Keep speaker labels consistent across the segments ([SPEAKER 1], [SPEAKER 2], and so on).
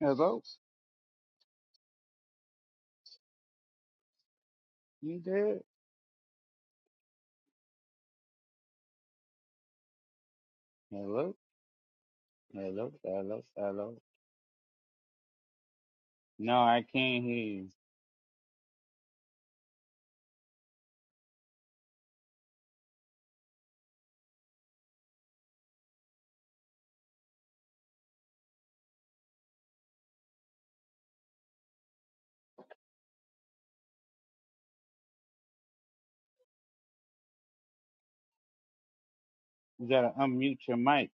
[SPEAKER 1] Hello? You there? Hello? Hello? Hello? Hello? No, I can't hear you. You gotta unmute your mic.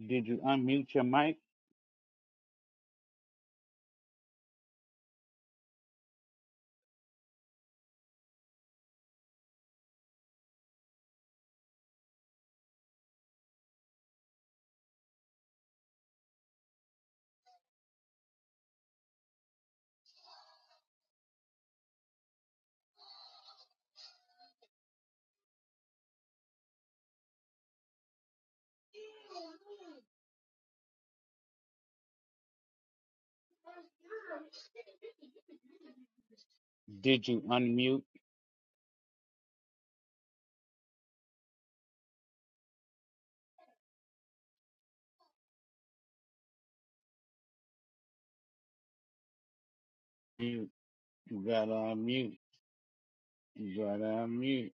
[SPEAKER 1] Did you unmute your mic? Did you unmute? You, you gotta unmute. You gotta unmute.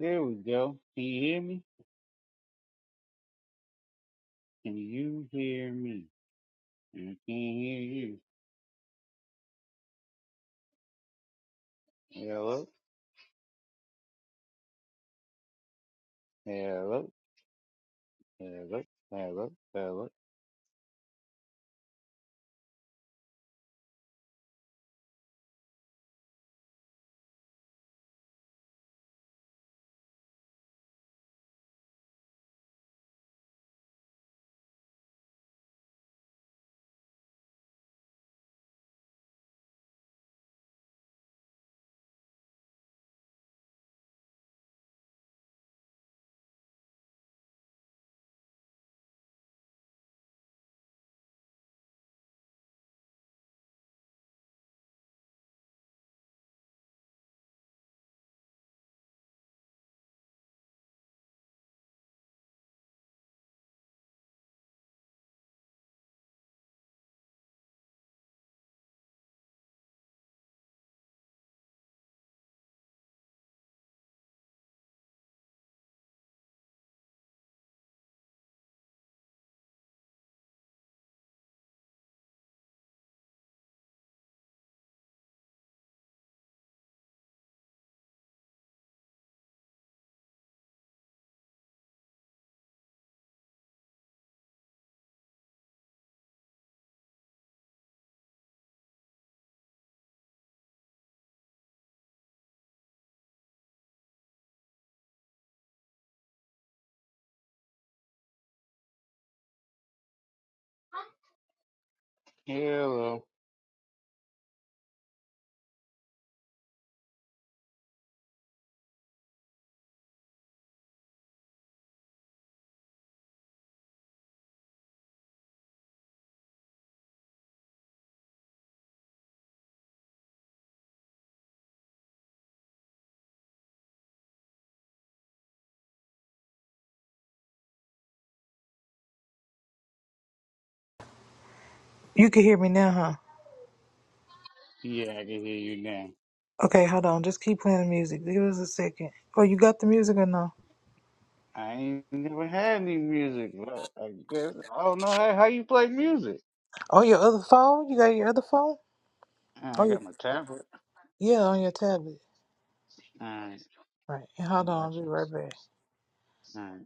[SPEAKER 1] There we go. Can you hear me? Can you hear me? I can't hear you. Hello? Hello? Hello? Hello? Hello? Hello? Hello?
[SPEAKER 2] You can hear me now, huh?
[SPEAKER 1] Yeah, I can hear you now.
[SPEAKER 2] Okay, hold on. Just keep playing the music. Give us a second. Oh, you got the music or no?
[SPEAKER 1] I ain't never had any music. but I guess I don't know how, how you play music.
[SPEAKER 2] On your other phone? You got your other phone?
[SPEAKER 1] Uh, I
[SPEAKER 2] Oh, your,
[SPEAKER 1] got my tablet.
[SPEAKER 2] yeah, on your tablet.
[SPEAKER 1] All right,
[SPEAKER 2] Right. And
[SPEAKER 1] I
[SPEAKER 2] Hold on. I'll
[SPEAKER 1] got
[SPEAKER 2] be
[SPEAKER 1] you.
[SPEAKER 2] right back.
[SPEAKER 1] All right.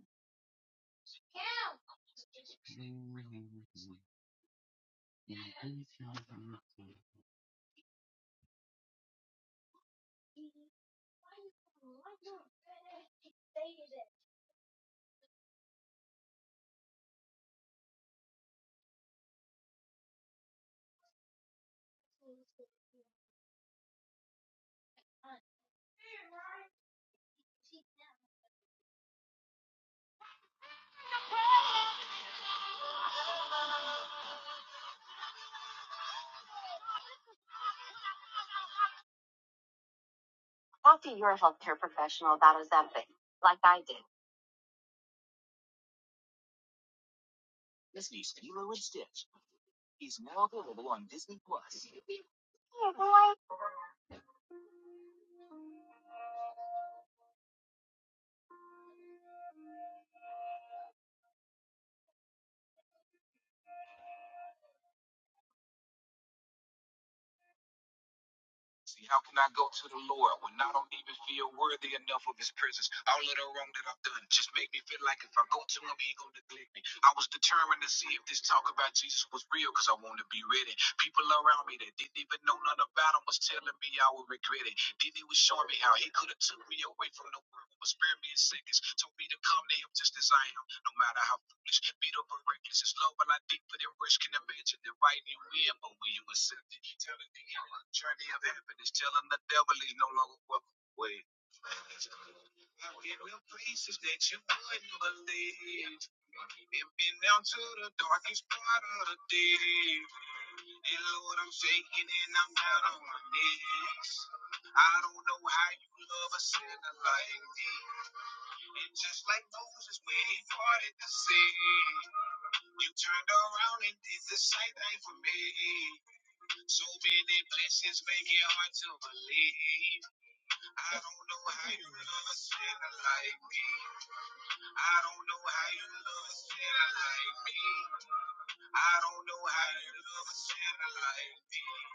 [SPEAKER 1] Talk to your healthcare professional about Ozempic, like I did. See, how can I go to the Lord when I don't even feel worthy enough of his presence? All of the wrong that I've done just make me feel like if I go to him, he gonna neglect me. I was determined to see if this talk about Jesus was real because I wanted to be ready. People around me that didn't even know none about him was telling me I would regret it. Then he was showing me how he could have took me away from the world, but spared me in seconds. Told me to come to him just as I am, no matter how Let's get Beat up on reckless it's low, but I think for the rich can imagine that right you in, but when you accept it, telling the journey of happiness, telling the devil is no longer welcome. Wait. How in the places that you wouldn't believe. And been down to the darkest part of the day. And Lord, I'm shaking and I'm out on my knees. I don't know how you love a sinner like me. And just like Moses when he parted the sea. You turned around and did the same thing for me. So many blessings make it hard to believe. I don't know how you love a sinner like me. I don't know how you love a sinner like me. I don't know how you love a sinner like me.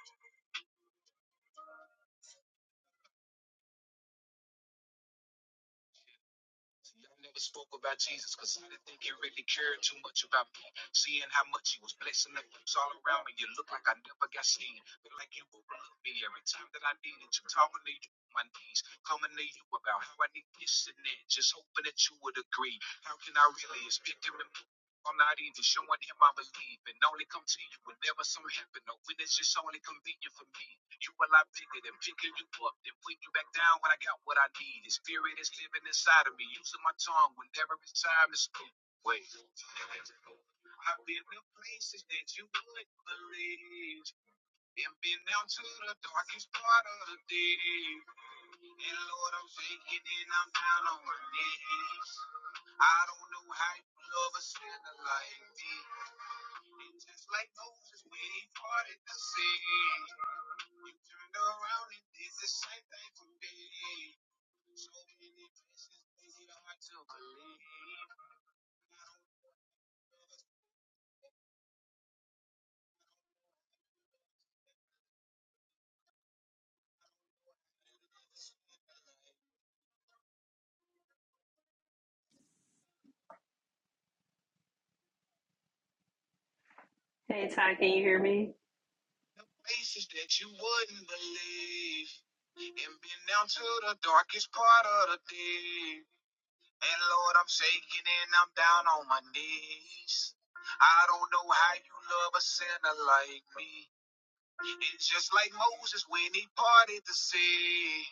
[SPEAKER 1] See, I never spoke about Jesus because I didn't think he really cared too much about me. Seeing how much he was blessing the folks all around me, you look like I never got seen. Feel like you overlooked me every time that I needed you, talking to you. on My knees, coming to you about how I need this and that, just hoping that you would agree. How can I really? It's picking and I'm not even showing him I believe and only come to you whenever something happen or when it's just only convenient for me. You a lot bigger than picking you up, then putting you back down when I got what I need. His spirit is living inside of me, using my tongue whenever it's time to speak. Wait. I've been to places that you wouldn't believe, and been down to the darkest part of the deep. And Lord, I'm faking and I'm down on my knees. I don't know how you love a sinner like me. And just like Moses when he parted the sea, you turned around and did the same thing for me. So many places it's hard to believe.
[SPEAKER 3] Hey Ty, can you hear me?
[SPEAKER 1] The places that you wouldn't believe. And been down to the darkest part of the day. And Lord, I'm shaking and I'm down on my knees. I don't know how you love a sinner like me. It's just like Moses when he parted the sea.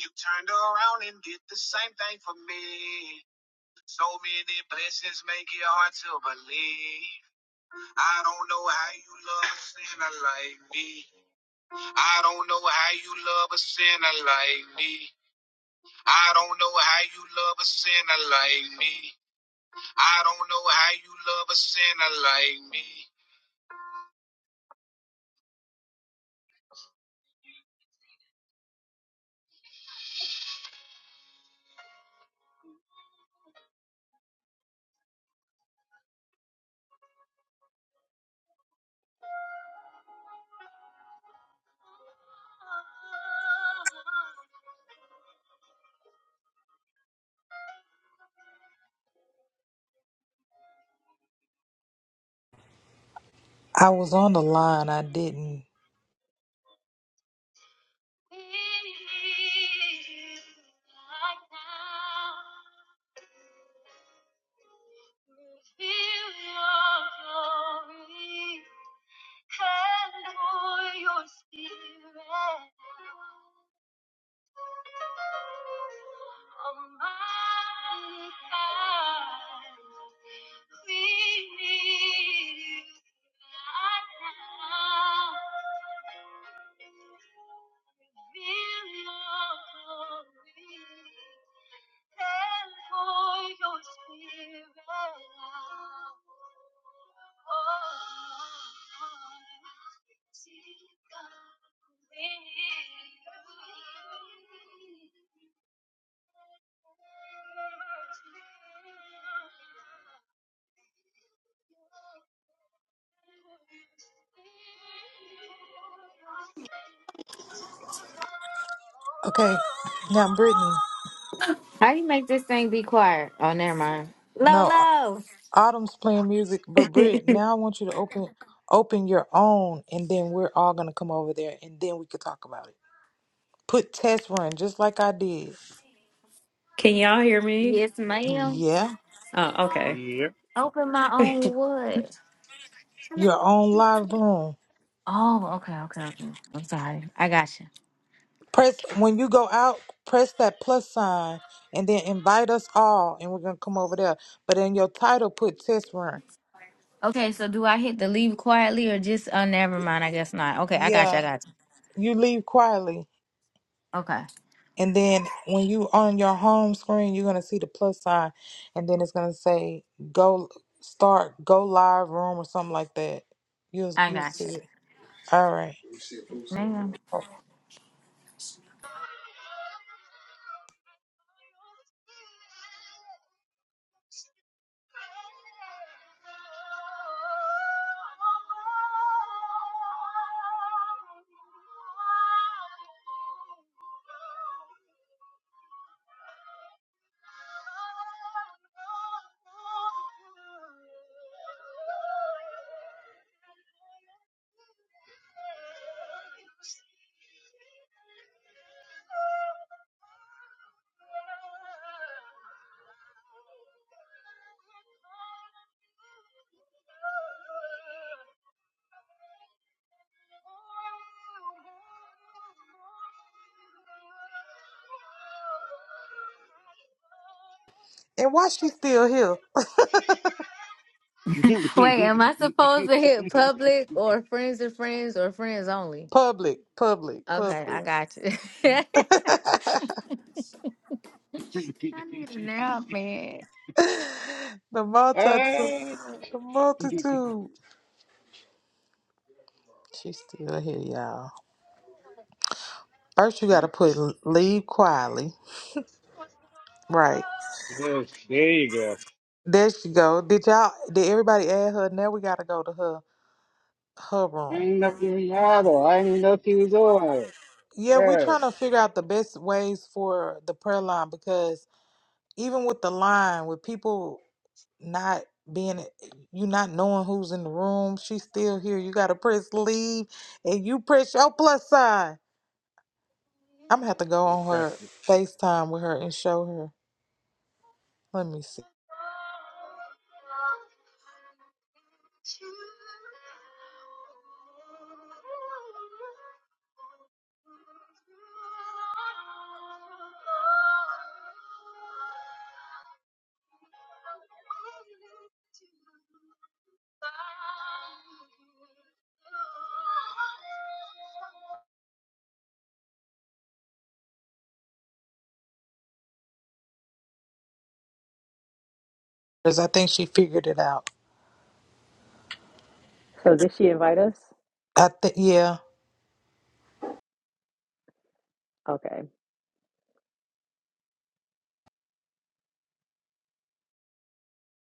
[SPEAKER 1] You turned around and did the same thing for me. So many blessings make it hard to believe. I don't know how you love a sinner like me. I don't know how you love a sinner like me. I don't know how you love a sinner like me. I don't know how you love a sinner like me.
[SPEAKER 2] I was on the line. I didn't. Okay. Now, Brittany.
[SPEAKER 4] How do you make this thing be quiet? Oh, never mind.
[SPEAKER 2] No,
[SPEAKER 4] Lolo.
[SPEAKER 2] Autumn's playing music, but Britt, now I want you to open open your own, and then we're all gonna come over there, and then we can talk about it. Put test run just like I did.
[SPEAKER 3] Can y'all hear me?
[SPEAKER 4] Yes, ma'am.
[SPEAKER 2] Yeah,
[SPEAKER 3] Oh, okay.
[SPEAKER 4] Open my own wood.
[SPEAKER 2] your own live room.
[SPEAKER 4] Oh, okay, okay, okay. I'm sorry. I got you.
[SPEAKER 2] Press when you go out, press that plus sign and then invite us all and we're gonna come over there. But in your title put test run.
[SPEAKER 4] Okay, so do I hit the leave quietly or just? Oh, never mind. I guess not. Okay, I got you. I
[SPEAKER 2] Yeah.
[SPEAKER 4] got you.
[SPEAKER 2] You leave quietly.
[SPEAKER 4] Okay,
[SPEAKER 2] And then when you on your home screen, you're gonna see the plus sign and then it's gonna say go start go live room or something like that. You'll
[SPEAKER 4] I
[SPEAKER 2] you'll
[SPEAKER 4] got you.
[SPEAKER 2] see it. All right.
[SPEAKER 4] Ma'am.
[SPEAKER 2] And why she still here?
[SPEAKER 4] Wait, am I supposed to hit public or friends to friends or friends only?
[SPEAKER 2] Public, public,
[SPEAKER 4] Okay, I
[SPEAKER 2] public.
[SPEAKER 4] got you. I need a nap, man.
[SPEAKER 2] the
[SPEAKER 1] Yeah.
[SPEAKER 2] multitude the multitude. She's still here, y'all. First, you gotta put l- leave quietly. Right.
[SPEAKER 1] oh. Yes, there you go.
[SPEAKER 2] There she go. Did y'all? Did everybody add her? Now we gotta go to her her
[SPEAKER 1] I
[SPEAKER 2] room.
[SPEAKER 1] didn't know you was model. I didn't know she was on.
[SPEAKER 2] Yeah, we
[SPEAKER 1] Yeah.
[SPEAKER 2] trying to figure out the best ways for the prayer line because even with the line, with people not being you not knowing who's in the room, she's still here. You gotta press leave, and you press your plus sign. I'm gonna have to go on her
[SPEAKER 1] Press
[SPEAKER 2] FaceTime with her and show her. Let me see. Because I think she figured it out.
[SPEAKER 3] So did she invite us?
[SPEAKER 2] I th- yeah,
[SPEAKER 3] Okay.